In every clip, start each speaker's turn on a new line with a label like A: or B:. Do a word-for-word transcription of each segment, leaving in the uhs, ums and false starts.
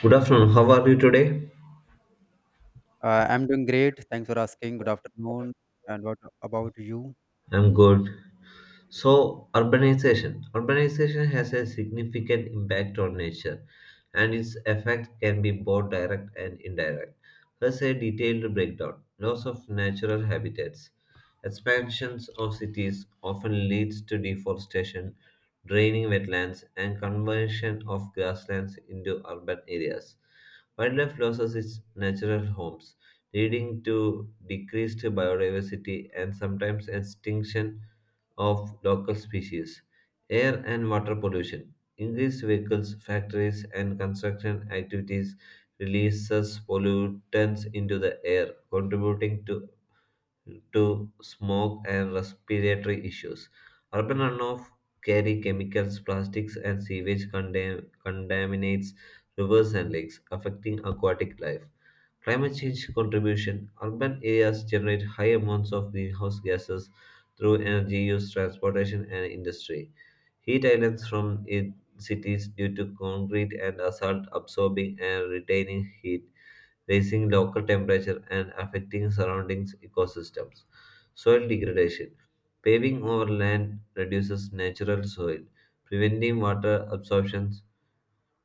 A: Good afternoon. How are you today?
B: Uh, I'm doing great. Thanks for asking. Good afternoon. And what about you?
A: I'm good. So, urbanization. Urbanization has a significant impact on nature, and its effect can be both direct and indirect. Here's a detailed breakdown. Loss of natural habitats. Expansions of cities often leads to deforestation, draining wetlands, and conversion of grasslands into urban areas. Wildlife loses its natural homes, leading to decreased biodiversity and sometimes extinction of local species. Air and water pollution. Increased vehicles, factories, and construction activities releases pollutants into the air, contributing to, to smoke and respiratory issues. Urban runoff carry chemicals, plastics, and sewage condam- contaminates rivers and lakes, affecting aquatic life. Climate change contribution. Urban areas generate high amounts of greenhouse gases through energy use, transportation, and industry. Heat islands from in cities due to concrete and asphalt absorbing and retaining heat, raising local temperature and affecting surrounding ecosystems. Soil degradation. Paving over land reduces natural soil, preventing water absorption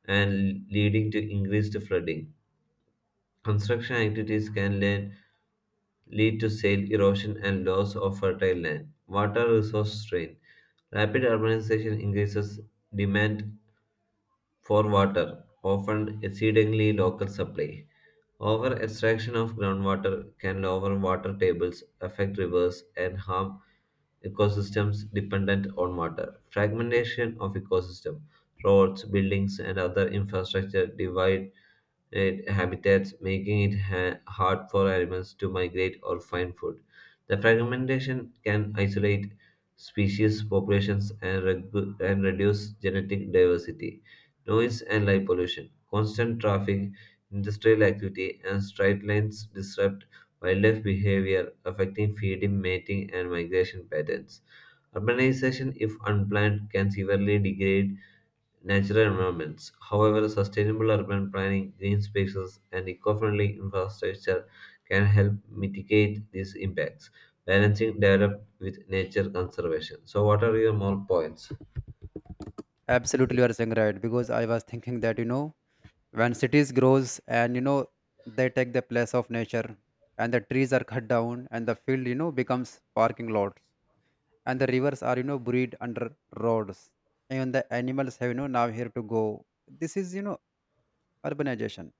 A: and leading to increased flooding. Construction activities can lead lead to soil erosion and loss of fertile land. Water resource strain. Rapid urbanization increases demand for water, often exceedingly local supply. Over extraction of groundwater can lower water tables, affect rivers, and harm ecosystems dependent on water. Fragmentation of ecosystem. Roads, buildings, and other infrastructure divide and habitats, making it ha- hard for animals to migrate or find food. The fragmentation can isolate species populations and, regu- and reduce genetic diversity. Noise and light pollution, constant traffic, industrial activity, and straight lines disrupt wildlife behavior, affecting feeding, mating, and migration patterns. Urbanization, if unplanned, can severely degrade natural environments. However, sustainable urban planning, green spaces, and eco friendly infrastructure can help mitigate these impacts, balancing development with nature conservation. So, what are your more points?
B: Absolutely, you are saying right. Because I was thinking that you know, when cities grows, and you know they take the place of nature, and the trees are cut down, and the field you know becomes parking lots, and the rivers are you know buried under roads, and the animals have you know now here to go. This is you know urbanization.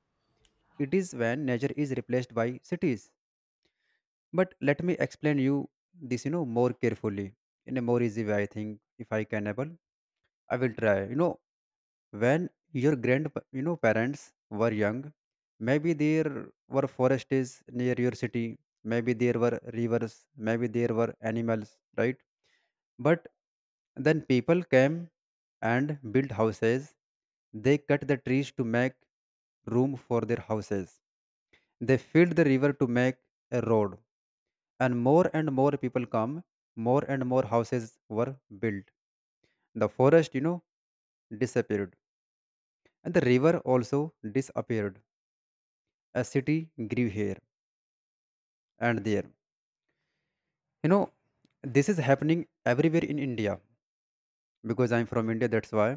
B: It is when nature is replaced by cities. But let me explain you this, you know, more carefully in a more easy way. I think if I can able, I will try. You know, when your grand, you know, parents were young, maybe there were forests near your city, maybe there were rivers, maybe there were animals, right? But then people came and built houses. They cut the trees to make room for their houses. They filled the river to make a road, and more and more people come, more and more houses were built, the forest you know disappeared, and the river also disappeared. A city grew here and there. you know this is happening everywhere in India because I'm from India. That's why.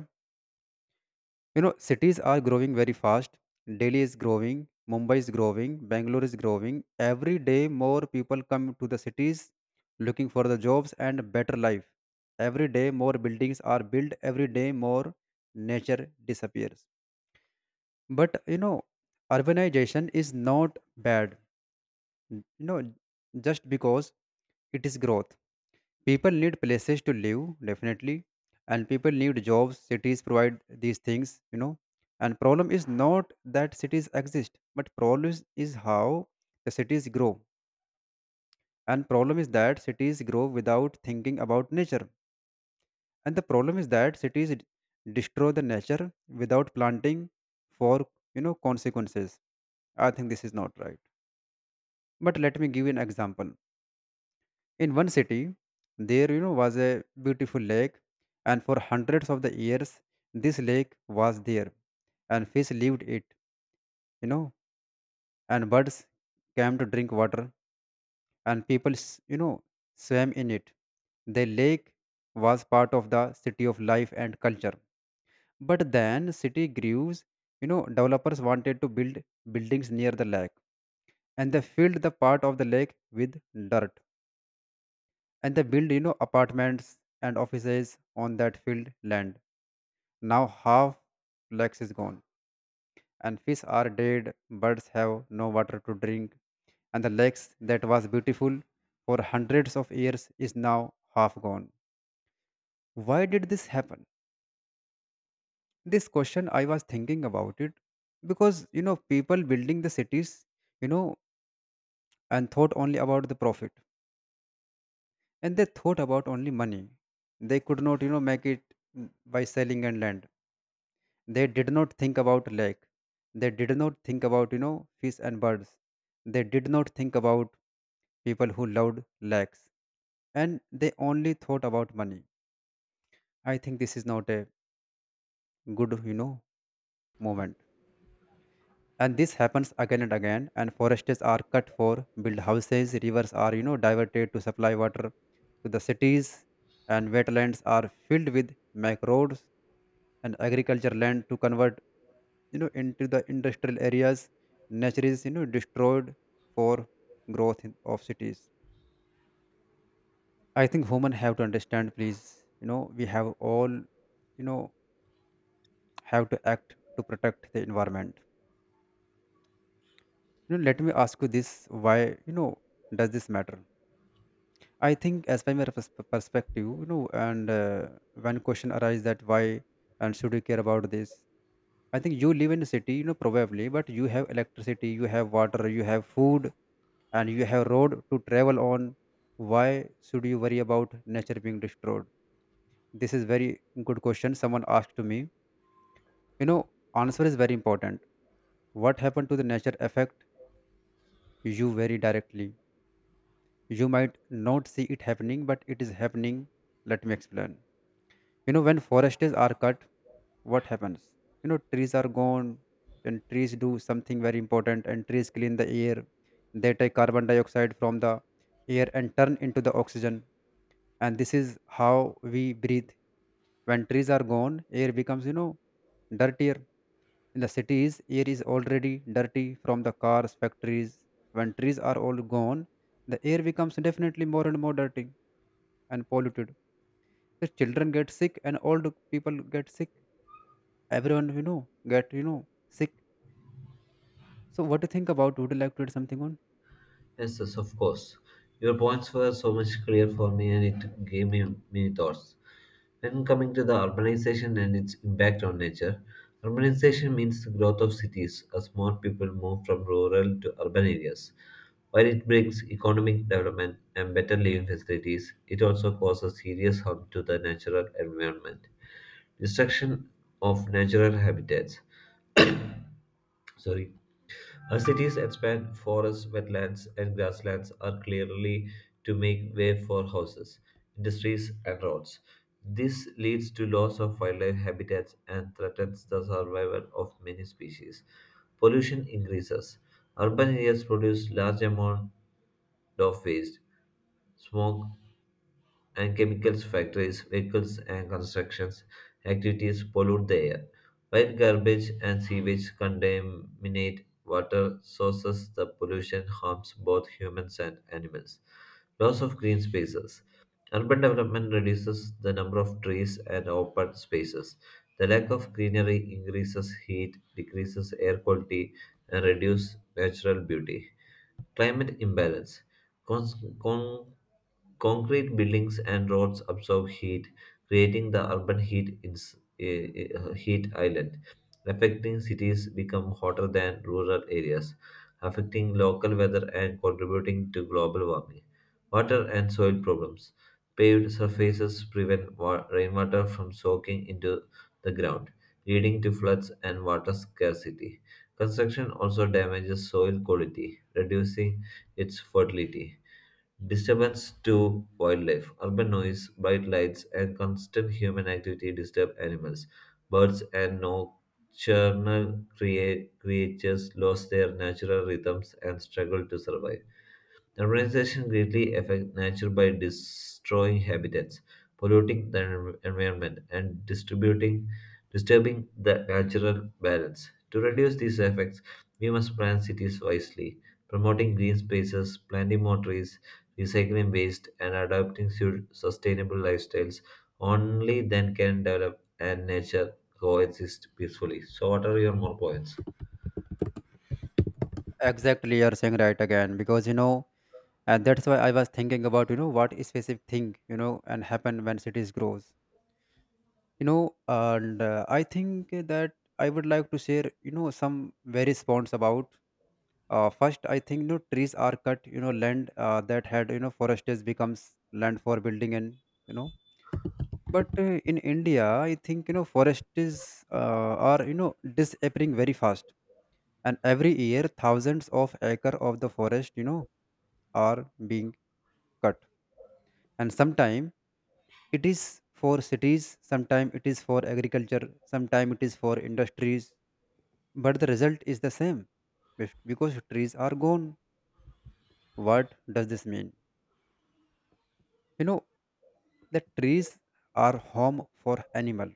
B: You know, cities are growing very fast. Delhi is growing, Mumbai is growing, Bangalore is growing. Every day, more people come to the cities looking for the jobs and better life. Every day, more buildings are built. Every day, more nature disappears. But you know, urbanization is not bad. You know, just because it is growth. People need places to live, definitely, and people need jobs. Cities provide these things, you know. And problem is not that cities exist, but problem is is how the cities grow. And problem is that cities grow without thinking about nature. And the problem is that cities d- destroy the nature without planting for you know consequences. I think this is not right. But let me give you an example. In one city, there you know was a beautiful lake, and for hundreds of the years, this lake was there, and fish lived it, you know, and birds came to drink water, and people, s- you know, swam in it. The lake was part of the city of life and culture. But then city grew, you know, developers wanted to build buildings near the lake, and they filled the part of the lake with dirt, and they build you know apartments and offices on that field land. Now half lakes is gone, and fish are dead, birds have no water to drink, and the lakes that was beautiful for hundreds of years is now half gone. Why did this happen? This question I was thinking about it. Because you know people building the cities you know and thought only about the profit, and they thought about only money. They could not you know make it mm, by selling and land. They did not think about lake. They did not think about, you know, fish and birds. They did not think about people who loved lakes. And they only thought about money. I think this is not a good, you know, moment. And this happens again and again. And forests are cut for build houses. Rivers are, you know, diverted to supply water to the cities. And wetlands are filled with macroads and agriculture land to convert you know into the industrial areas. Nature is you know destroyed for growth in, of cities. I think human have to understand, please. You know we have all you know have to act to protect the environment. You know let me ask you this. Why you know does this matter? I think, as by my pers- perspective, you know and uh, one question arises, that why and should we care about this? I think you live in a city, you know probably, but you have electricity, you have water, you have food, and you have road to travel on. Why should you worry about nature being destroyed? This is very good question someone asked to me. you know Answer is very important. What happened to the nature affect you very directly. You might not see it happening, but it is happening. Let me explain. You know when forests are cut, what happens? You know trees are gone, and trees do something very important, and trees clean the air. They take carbon dioxide from the air and turn into the oxygen, and this is how we breathe. When trees are gone, air becomes you know dirtier. In the cities, air is already dirty from the cars, factories. When trees are all gone, the air becomes definitely more and more dirty and polluted. The children get sick, and old people get sick. Everyone you know get you know sick. So what do you think about? Would you like to add something on?
A: Yes, yes, of course. Your points were so much clear for me, and it gave me many thoughts. When coming to the urbanization and its impact on nature, urbanization means the growth of cities as more people move from rural to urban areas. While it brings economic development and better living facilities, it also causes serious harm to the natural environment. Destruction of natural habitats. Sorry, as cities expand, forests, wetlands, and grasslands are clearly to make way for houses, industries, and roads. This leads to loss of wildlife habitats and threatens the survival of many species. Pollution increases. Urban areas produce large amount of waste, smoke, and chemicals factories, vehicles and constructions activities pollute the air, while garbage and sewage contaminate water sources. The pollution harms both humans and animals. Loss of green spaces. Urban development reduces the number of trees and open spaces. The lack of greenery increases heat, decreases air quality, and reduces natural beauty. Climate imbalance. Cons- con- Concrete buildings and roads absorb heat, creating the urban heat, ins- eh, eh, heat island, affecting cities become hotter than rural areas, affecting local weather and contributing to global warming. Water and soil problems. Paved surfaces prevent wa- rainwater from soaking into the ground, leading to floods and water scarcity. Construction also damages soil quality, reducing its fertility. Disturbance to wildlife. Urban noise, bright lights, and constant human activity disturb animals. Birds and nocturnal crea- creatures lose their natural rhythms and struggle to survive. The urbanization greatly affects nature by destroying habitats, polluting the en- environment, and distributing, disturbing the natural balance. To reduce these effects, we must plan cities wisely, promoting green spaces, planting more trees, recycling waste, and adopting su- sustainable lifestyles. Only then can develop and nature coexist peacefully. So, what are your more points?
B: Exactly, you're saying right again. Because you know and that's why I was thinking about you know what specific thing you know and happen when cities grows. You know and uh, I think that I would like to share you know some various points about. Uh, first, I think you know trees are cut. You know land, uh, that had you know forest becomes land for building, and you know but uh, in India, I think you know forests uh, are you know disappearing very fast. And every year, thousands of acre of the forest you know are being cut. And sometime it is for cities, sometime it is for agriculture, sometime it is for industries. But the result is the same: bef- because trees are gone. What does this mean? you know the trees are home for animal.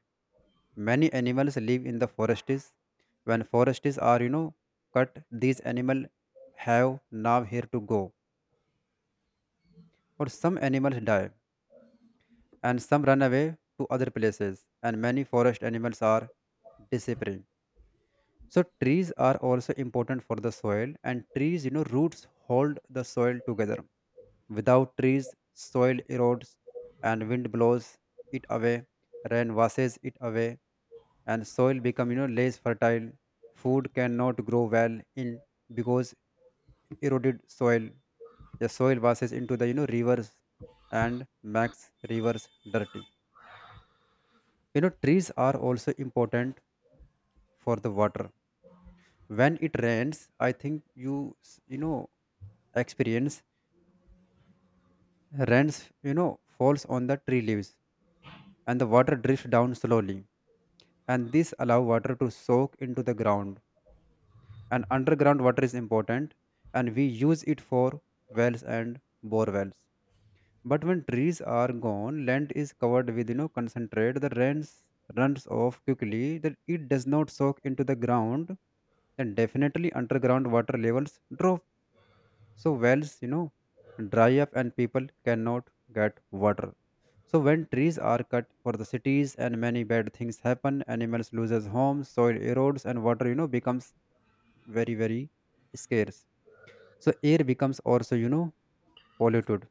B: Many animals live in the forests. When forests are you know cut, these animal have now here to go, or some animals die, and some run away to other places, and many forest animals are disappearing. So trees are also important for the soil, and trees, you know, roots hold the soil together. Without trees, soil erodes, and wind blows it away, rain washes it away, and soil become you know less fertile. Food cannot grow well in because eroded soil. The soil washes into the you know rivers and makes rivers dirty. You know trees are also important for the water. When it rains, I think you s- you know experience rains. you know Falls on the tree leaves, and the water drifts down slowly, and this allow water to soak into the ground, and underground water is important, and we use it for wells and bore wells. But when trees are gone, land is covered with you know concentrate. The rains runs off quickly that it does not soak into the ground. Then definitely underground water levels drop. So wells, you know, dry up and people cannot get water. So when trees are cut for the cities and many bad things happen, animals loses homes, soil erodes, and water, you know, becomes very, very scarce. So air becomes also, you know, polluted,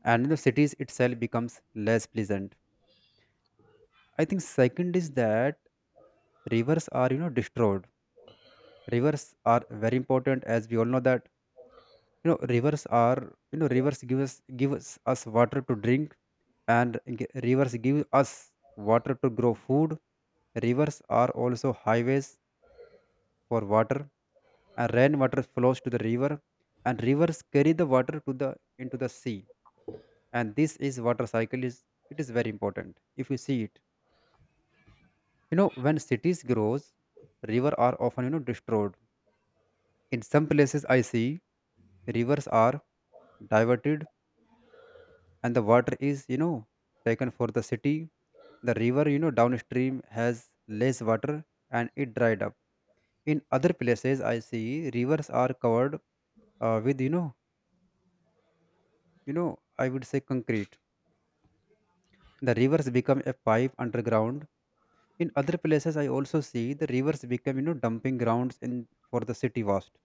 B: and the cities itself becomes less pleasant. I think second is that rivers are, you know, destroyed. Rivers are very important, as we all know that you know rivers are you know rivers give us give us, us water to drink, and g- rivers give us water to grow food. Rivers are also highways for water, and rainwater flows to the river, and rivers carry the water to the into the sea. And this is water cycle is, it is very important if you see it. You know when cities grows, river are often you know destroyed. In some places, I see rivers are diverted, and the water is you know taken for the city. The river you know downstream has less water, and it dried up. In other places, I see rivers are covered, uh, with you know you know I would say concrete. The rivers become a pipe underground. In other places, I also see the rivers become you know dumping grounds in for the city waste,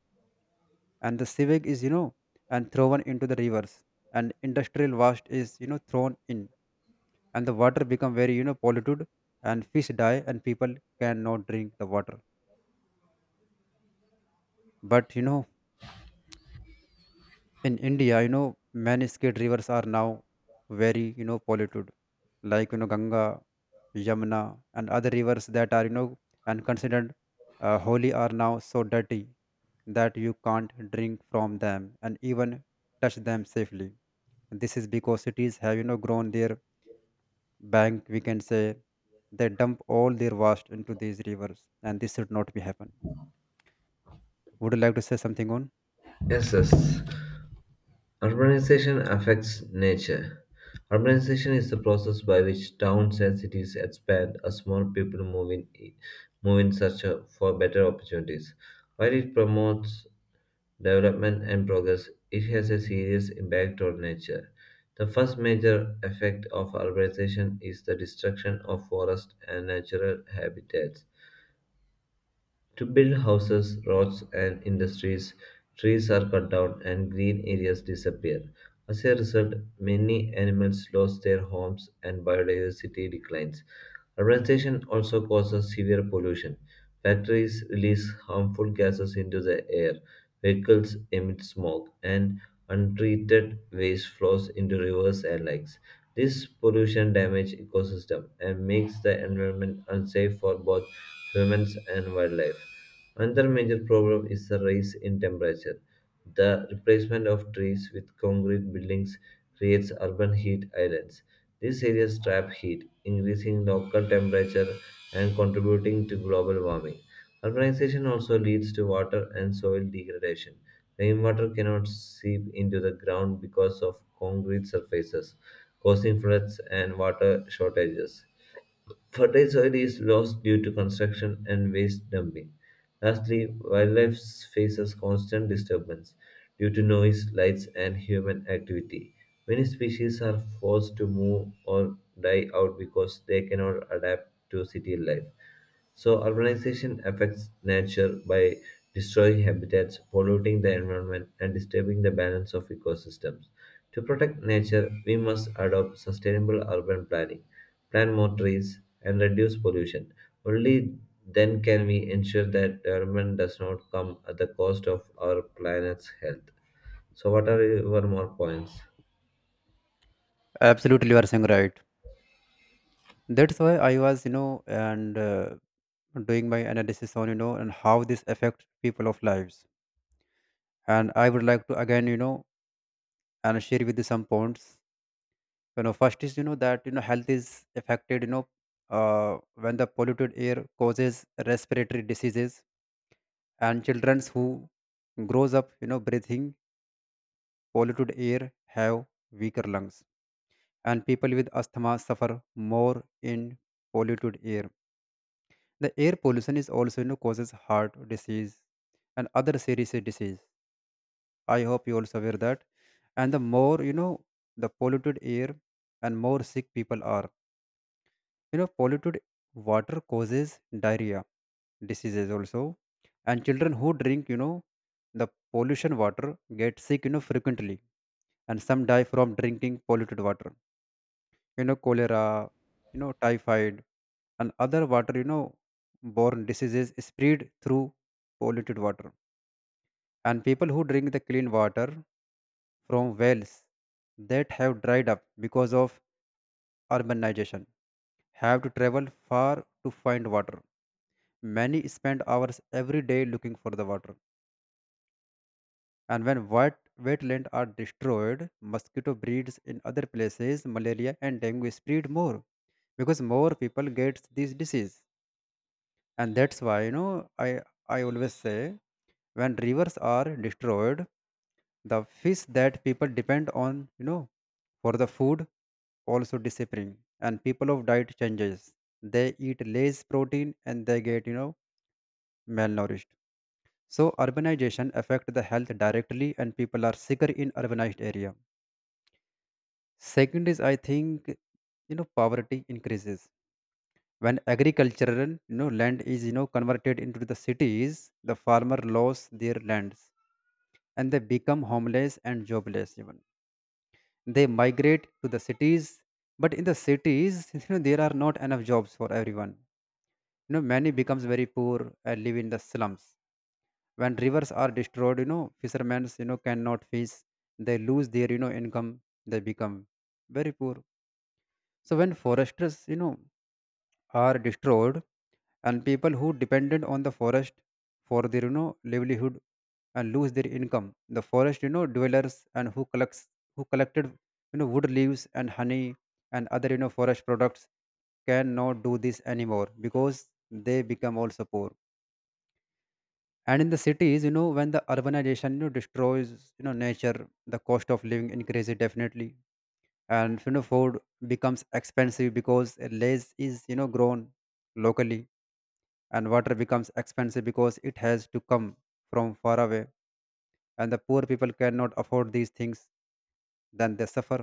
B: and the sewage is you know and thrown into the rivers, and industrial waste is you know thrown in, and the water become very you know polluted, and fish die and people cannot drink the water. But you know in India, you know many state rivers are now very you know polluted, like you know Ganga, Yamuna, and other rivers that are you know and considered uh, holy are now so dirty that you can't drink from them and even touch them safely. This is because cities have you know grown their bank, we can say. They dump all their waste into these rivers, and this should not be happen. Would you like to say something on?
A: Yes, yes. Urbanization affects nature. Urbanization is the process by which towns and cities expand as more people move in, move in search of- for better opportunities. While it promotes development and progress, it has a serious impact on nature. The first major effect of urbanization is the destruction of forest and natural habitats. To build houses, roads, and industries, trees are cut down and green areas disappear. As a result, many animals lose their homes and biodiversity declines. Urbanization also causes severe pollution. Factories release harmful gases into the air, vehicles emit smoke, and untreated waste flows into rivers and lakes. This pollution damages ecosystem and makes the environment unsafe for both humans and wildlife. Another major problem is the rise in temperature. The replacement of trees with concrete buildings creates urban heat islands. These areas trap heat, increasing local temperature and contributing to global warming. Urbanization also leads to water and soil degradation. Rainwater cannot seep into the ground because of concrete surfaces, causing floods and water shortages. Fertile soil is lost due to construction and waste dumping. Lastly, wildlife faces constant disturbance due to noise, lights, and human activity. Many species are forced to move or die out because they cannot adapt to city life. So, urbanization affects nature by destroying habitats, polluting the environment, and disturbing the balance of ecosystems. To protect nature, we must adopt sustainable urban planning, plant more trees, and reduce pollution. Only then can we ensure that development does not come at the cost of our planet's health. So, what are your more points?
B: Absolutely, you are saying right. That's why I was you know and uh, doing my analysis on you know and how this affect people of lives. And I would like to again you know and share with you some points. You know first is you know that you know health is affected, you know uh, when the polluted air causes respiratory diseases, and children who grows up you know breathing polluted air have weaker lungs, and people with asthma suffer more in polluted air. The air pollution is also you know, causes heart disease and other serious disease. I hope you also aware that. And the more, you know, the polluted air and more sick people are. You know, polluted water causes diarrhea diseases also, and children who drink you know the pollution water get sick you know frequently, and some die from drinking polluted water, you know cholera, you know typhoid, and other water you know borne diseases spread through polluted water, and people who drink the clean water from wells that have dried up because of urbanization have to travel far to find water. Many spend hours every day looking for the water. And when wet, wetlands are destroyed, mosquito breeds in other places, malaria and dengue spread more because more people get this disease. And that's why you know i i always say, when rivers are destroyed, the fish that people depend on you know for the food also disappearing, and people of diet changes, they eat less protein, and they get you know malnourished. So urbanization affect the health directly, and people are sicker in urbanized area. Second is I think you know poverty increases when agricultural you know, land is you know converted into the cities. The farmer lose their lands and they become homeless and jobless, even they migrate to the cities. But in the cities you know there are not enough jobs for everyone. You know many becomes very poor and live in the slums. When rivers are destroyed, you know fishermen you know cannot fish. They lose their you know income. They become very poor. So when foresters you know are destroyed, and people who depended on the forest for their you know livelihood and lose their income. The forest you know dwellers, and who collects who collected you know wood, leaves, and honey, and other you know forest products cannot do this anymore because they become also poor. And in the cities you know when the urbanization you know destroys you know nature, the cost of living increases definitely. And you know food becomes expensive because less is you know grown locally, and water becomes expensive because it has to come from far away, and the poor people cannot afford these things. Then they suffer.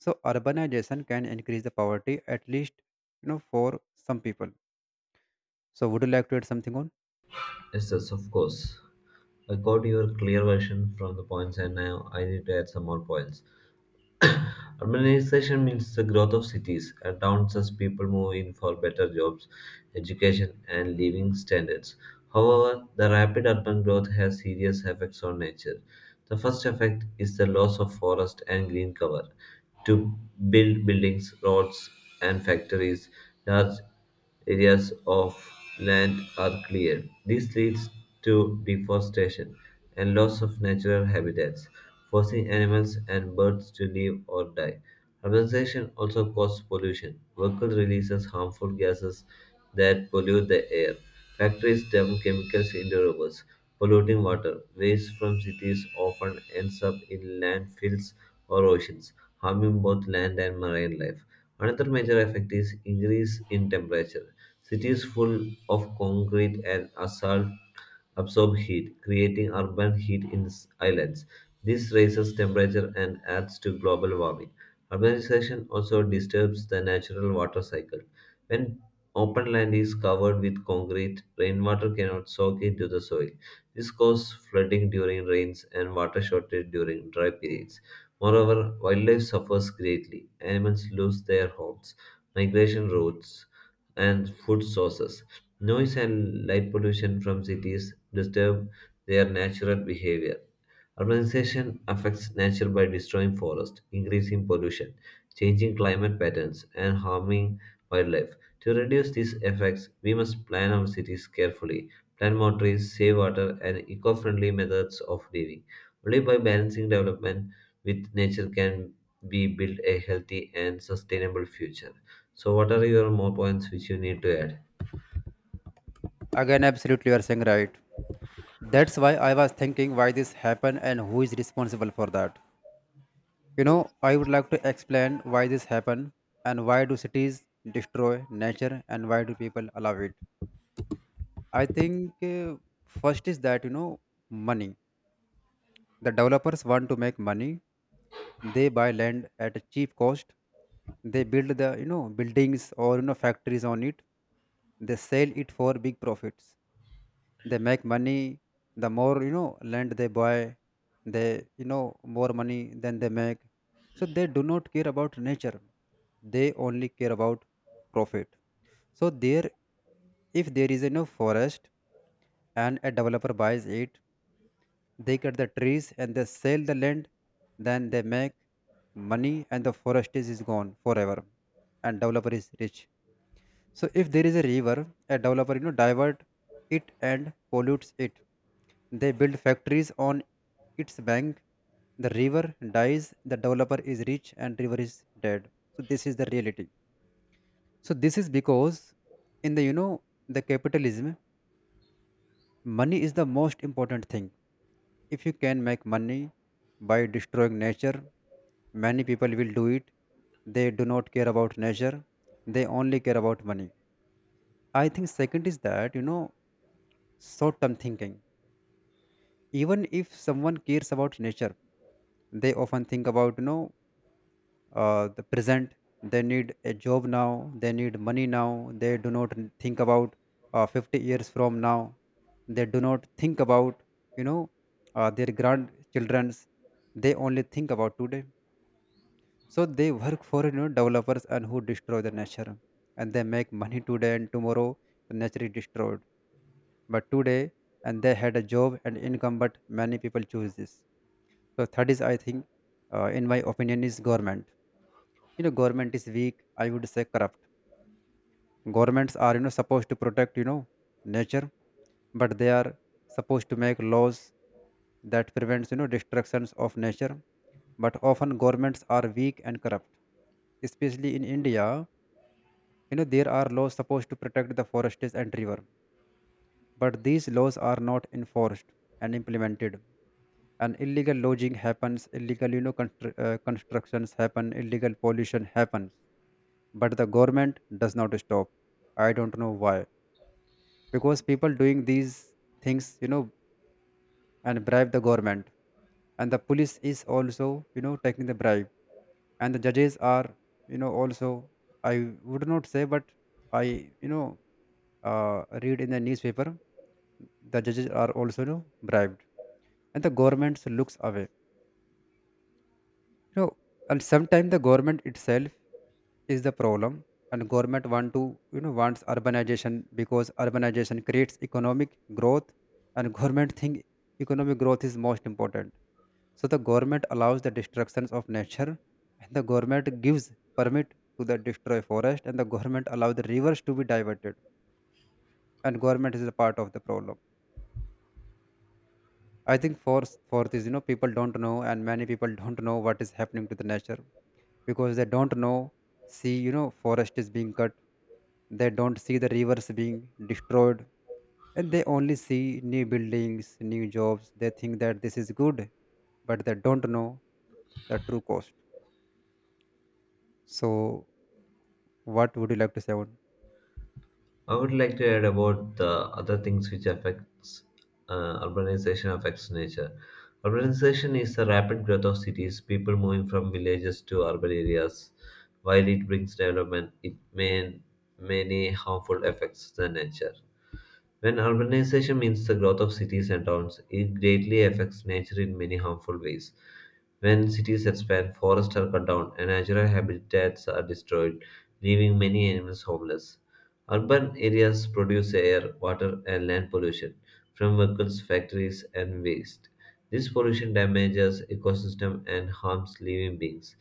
B: So urbanization can increase the poverty, at least you know for some people. So would you like to add something on?
A: Yes, yes, of course. I got your clear version from the points, and now I need to add some more points. Urbanization means the growth of cities and towns as people move in for better jobs, education, and living standards. However, the rapid urban growth has serious effects on nature. The first effect is the loss of forest and green cover. To build buildings, roads, and factories, large areas of land are cleared. This leads to deforestation and loss of natural habitats, forcing animals and birds to live or die. Urbanization also causes pollution. Vehicles releases harmful gases that pollute the air. Factories dump chemicals into rivers, polluting water. Waste from cities often ends up in landfills or oceans, harming both land and marine life. Another major effect is increase in temperature. Cities full of concrete and asphalt absorb heat, creating urban heat in s- islands. This raises temperature and adds to global warming. Urbanization also disturbs the natural water cycle. When open land is covered with concrete, rainwater cannot soak into the soil. This causes flooding during rains and water shortage during dry periods. Moreover, wildlife suffers greatly. Animals lose their homes, migration routes, and food sources. Noise and light pollution from cities disturb their natural behavior. Urbanization affects nature by destroying forests, increasing pollution, changing climate patterns, and harming wildlife. To reduce these effects, we must plan our cities carefully, plant more trees, save water, and eco friendly methods of living. Only by balancing development with nature can we build a healthy and sustainable future. So, what are your more points which you need to add?
B: Again, absolutely you are saying right. That's why I was thinking why this happened and who is responsible for that. you know I would like to explain why this happened, and why do cities destroy nature, and why do people allow it. I think uh, first is that, you know money. The developers want to make money. They buy land at a cheap cost. They build the you know buildings or you know factories on it. They sell it for big profits. They make money. The more you know land they buy, they you know more money than they make. So they do not care about nature. They only care about profit. So there, if there is a no forest and a developer buys it, they cut the trees and they sell the land. Then they make money, and the forest is, is gone forever, and developer is rich. So if there is a river, a developer you know divert it and pollutes it. They build factories on its bank. The river dies. The developer is rich and river is dead. So this is the reality. So this is because in the you know the capitalism, money is the most important thing. If you can make money by destroying nature, many people will do it. They do not care about nature. They only care about money. I think second is that, you know, short term thinking. Even if someone cares about nature, they often think about, you know, uh, the present. They need a job now, they need money now, they do not n- think about uh, fifty years from now. They do not think about, you know, uh, their grandchildren's. They only think about today. So they work for, you know, developers and who destroy the nature, and they make money today and tomorrow the nature is destroyed, but today, and they had a job and income, but many people choose this. So third is I think, uh, in my opinion is government. You know government is weak, I would say corrupt. Governments are you know supposed to protect you know nature, but they are supposed to make laws that prevents you know destructions of nature. But often governments are weak and corrupt, especially in India. You know there are laws supposed to protect the forests and river, but these laws are not enforced and implemented, and illegal lodging happens, illegal you know constru- uh, constructions happen, illegal pollution happens. But the government does not stop. I don't know why. Because people doing these things, you know and bribe the government, and the police is also you know taking the bribe, and the judges are you know also, I would not say, but I you know uh, read in the newspaper the judges are also, you know, bribed, and the government looks away. you know and sometimes the government itself is the problem. And government want to, you know wants urbanization because urbanization creates economic growth, and government think economic growth is most important. So the government allows the destructions of nature, and the government gives permit to the destroy forest, and the government allow the rivers to be diverted, and government is a part of the problem. I think for for this, you know people don't know, and many people don't know what is happening to the nature, because they don't know, see, you know forest is being cut, they don't see the rivers being destroyed, and they only see new buildings, new jobs, they think that this is good, but they don't know the true cost. So what would you like to say on?
A: I would like to add about the other things which affects uh, urbanization affects nature. Urbanization is the rapid growth of cities, people moving from villages to urban areas. While it brings development, it may many harmful effects to nature. When urbanization means the growth of cities and towns, it greatly affects nature in many harmful ways. When cities expand, forests are cut down, and natural habitats are destroyed, leaving many animals homeless. Urban areas produce air, water, and land pollution from vehicles, factories, and waste. This pollution damages ecosystem and harms living beings.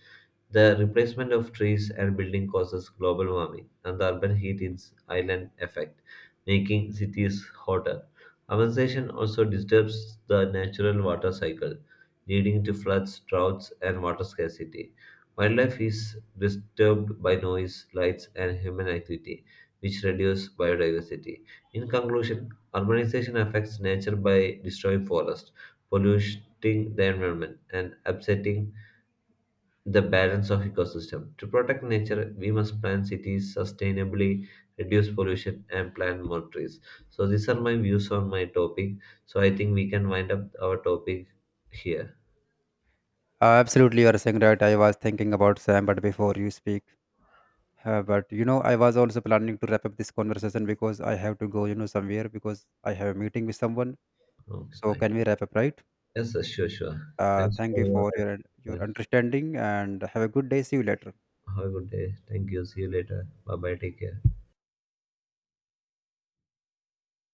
A: The replacement of trees and building causes global warming and the urban heat is island effect making cities hotter. Urbanization also disturbs the natural water cycle, leading to floods, droughts, and water scarcity. Wildlife is disturbed by noise, lights, and human activity, which reduce biodiversity. In conclusion, urbanization affects nature by destroying forests, polluting the environment, and upsetting the balance of ecosystem. To protect nature, we must plan cities sustainably, reduce pollution, and plant more trees. So these are my views on my topic. So I think we can wind up our topic here.
B: uh, Absolutely you are saying right. I was thinking about Sam, but before you speak, uh, but you know I was also planning to wrap up this conversation because I have to go you know somewhere because I have a meeting with someone.
A: Okay,
B: So
A: fine.
B: can we wrap up, right?
A: Yes, yes, sure, sure.
B: Uh,
A: Thanks
B: thank
A: for
B: you
A: your
B: for your your
A: help.
B: understanding and have a good day. See you later.
A: Have a good day. Thank you. See you later. Bye bye. Take care.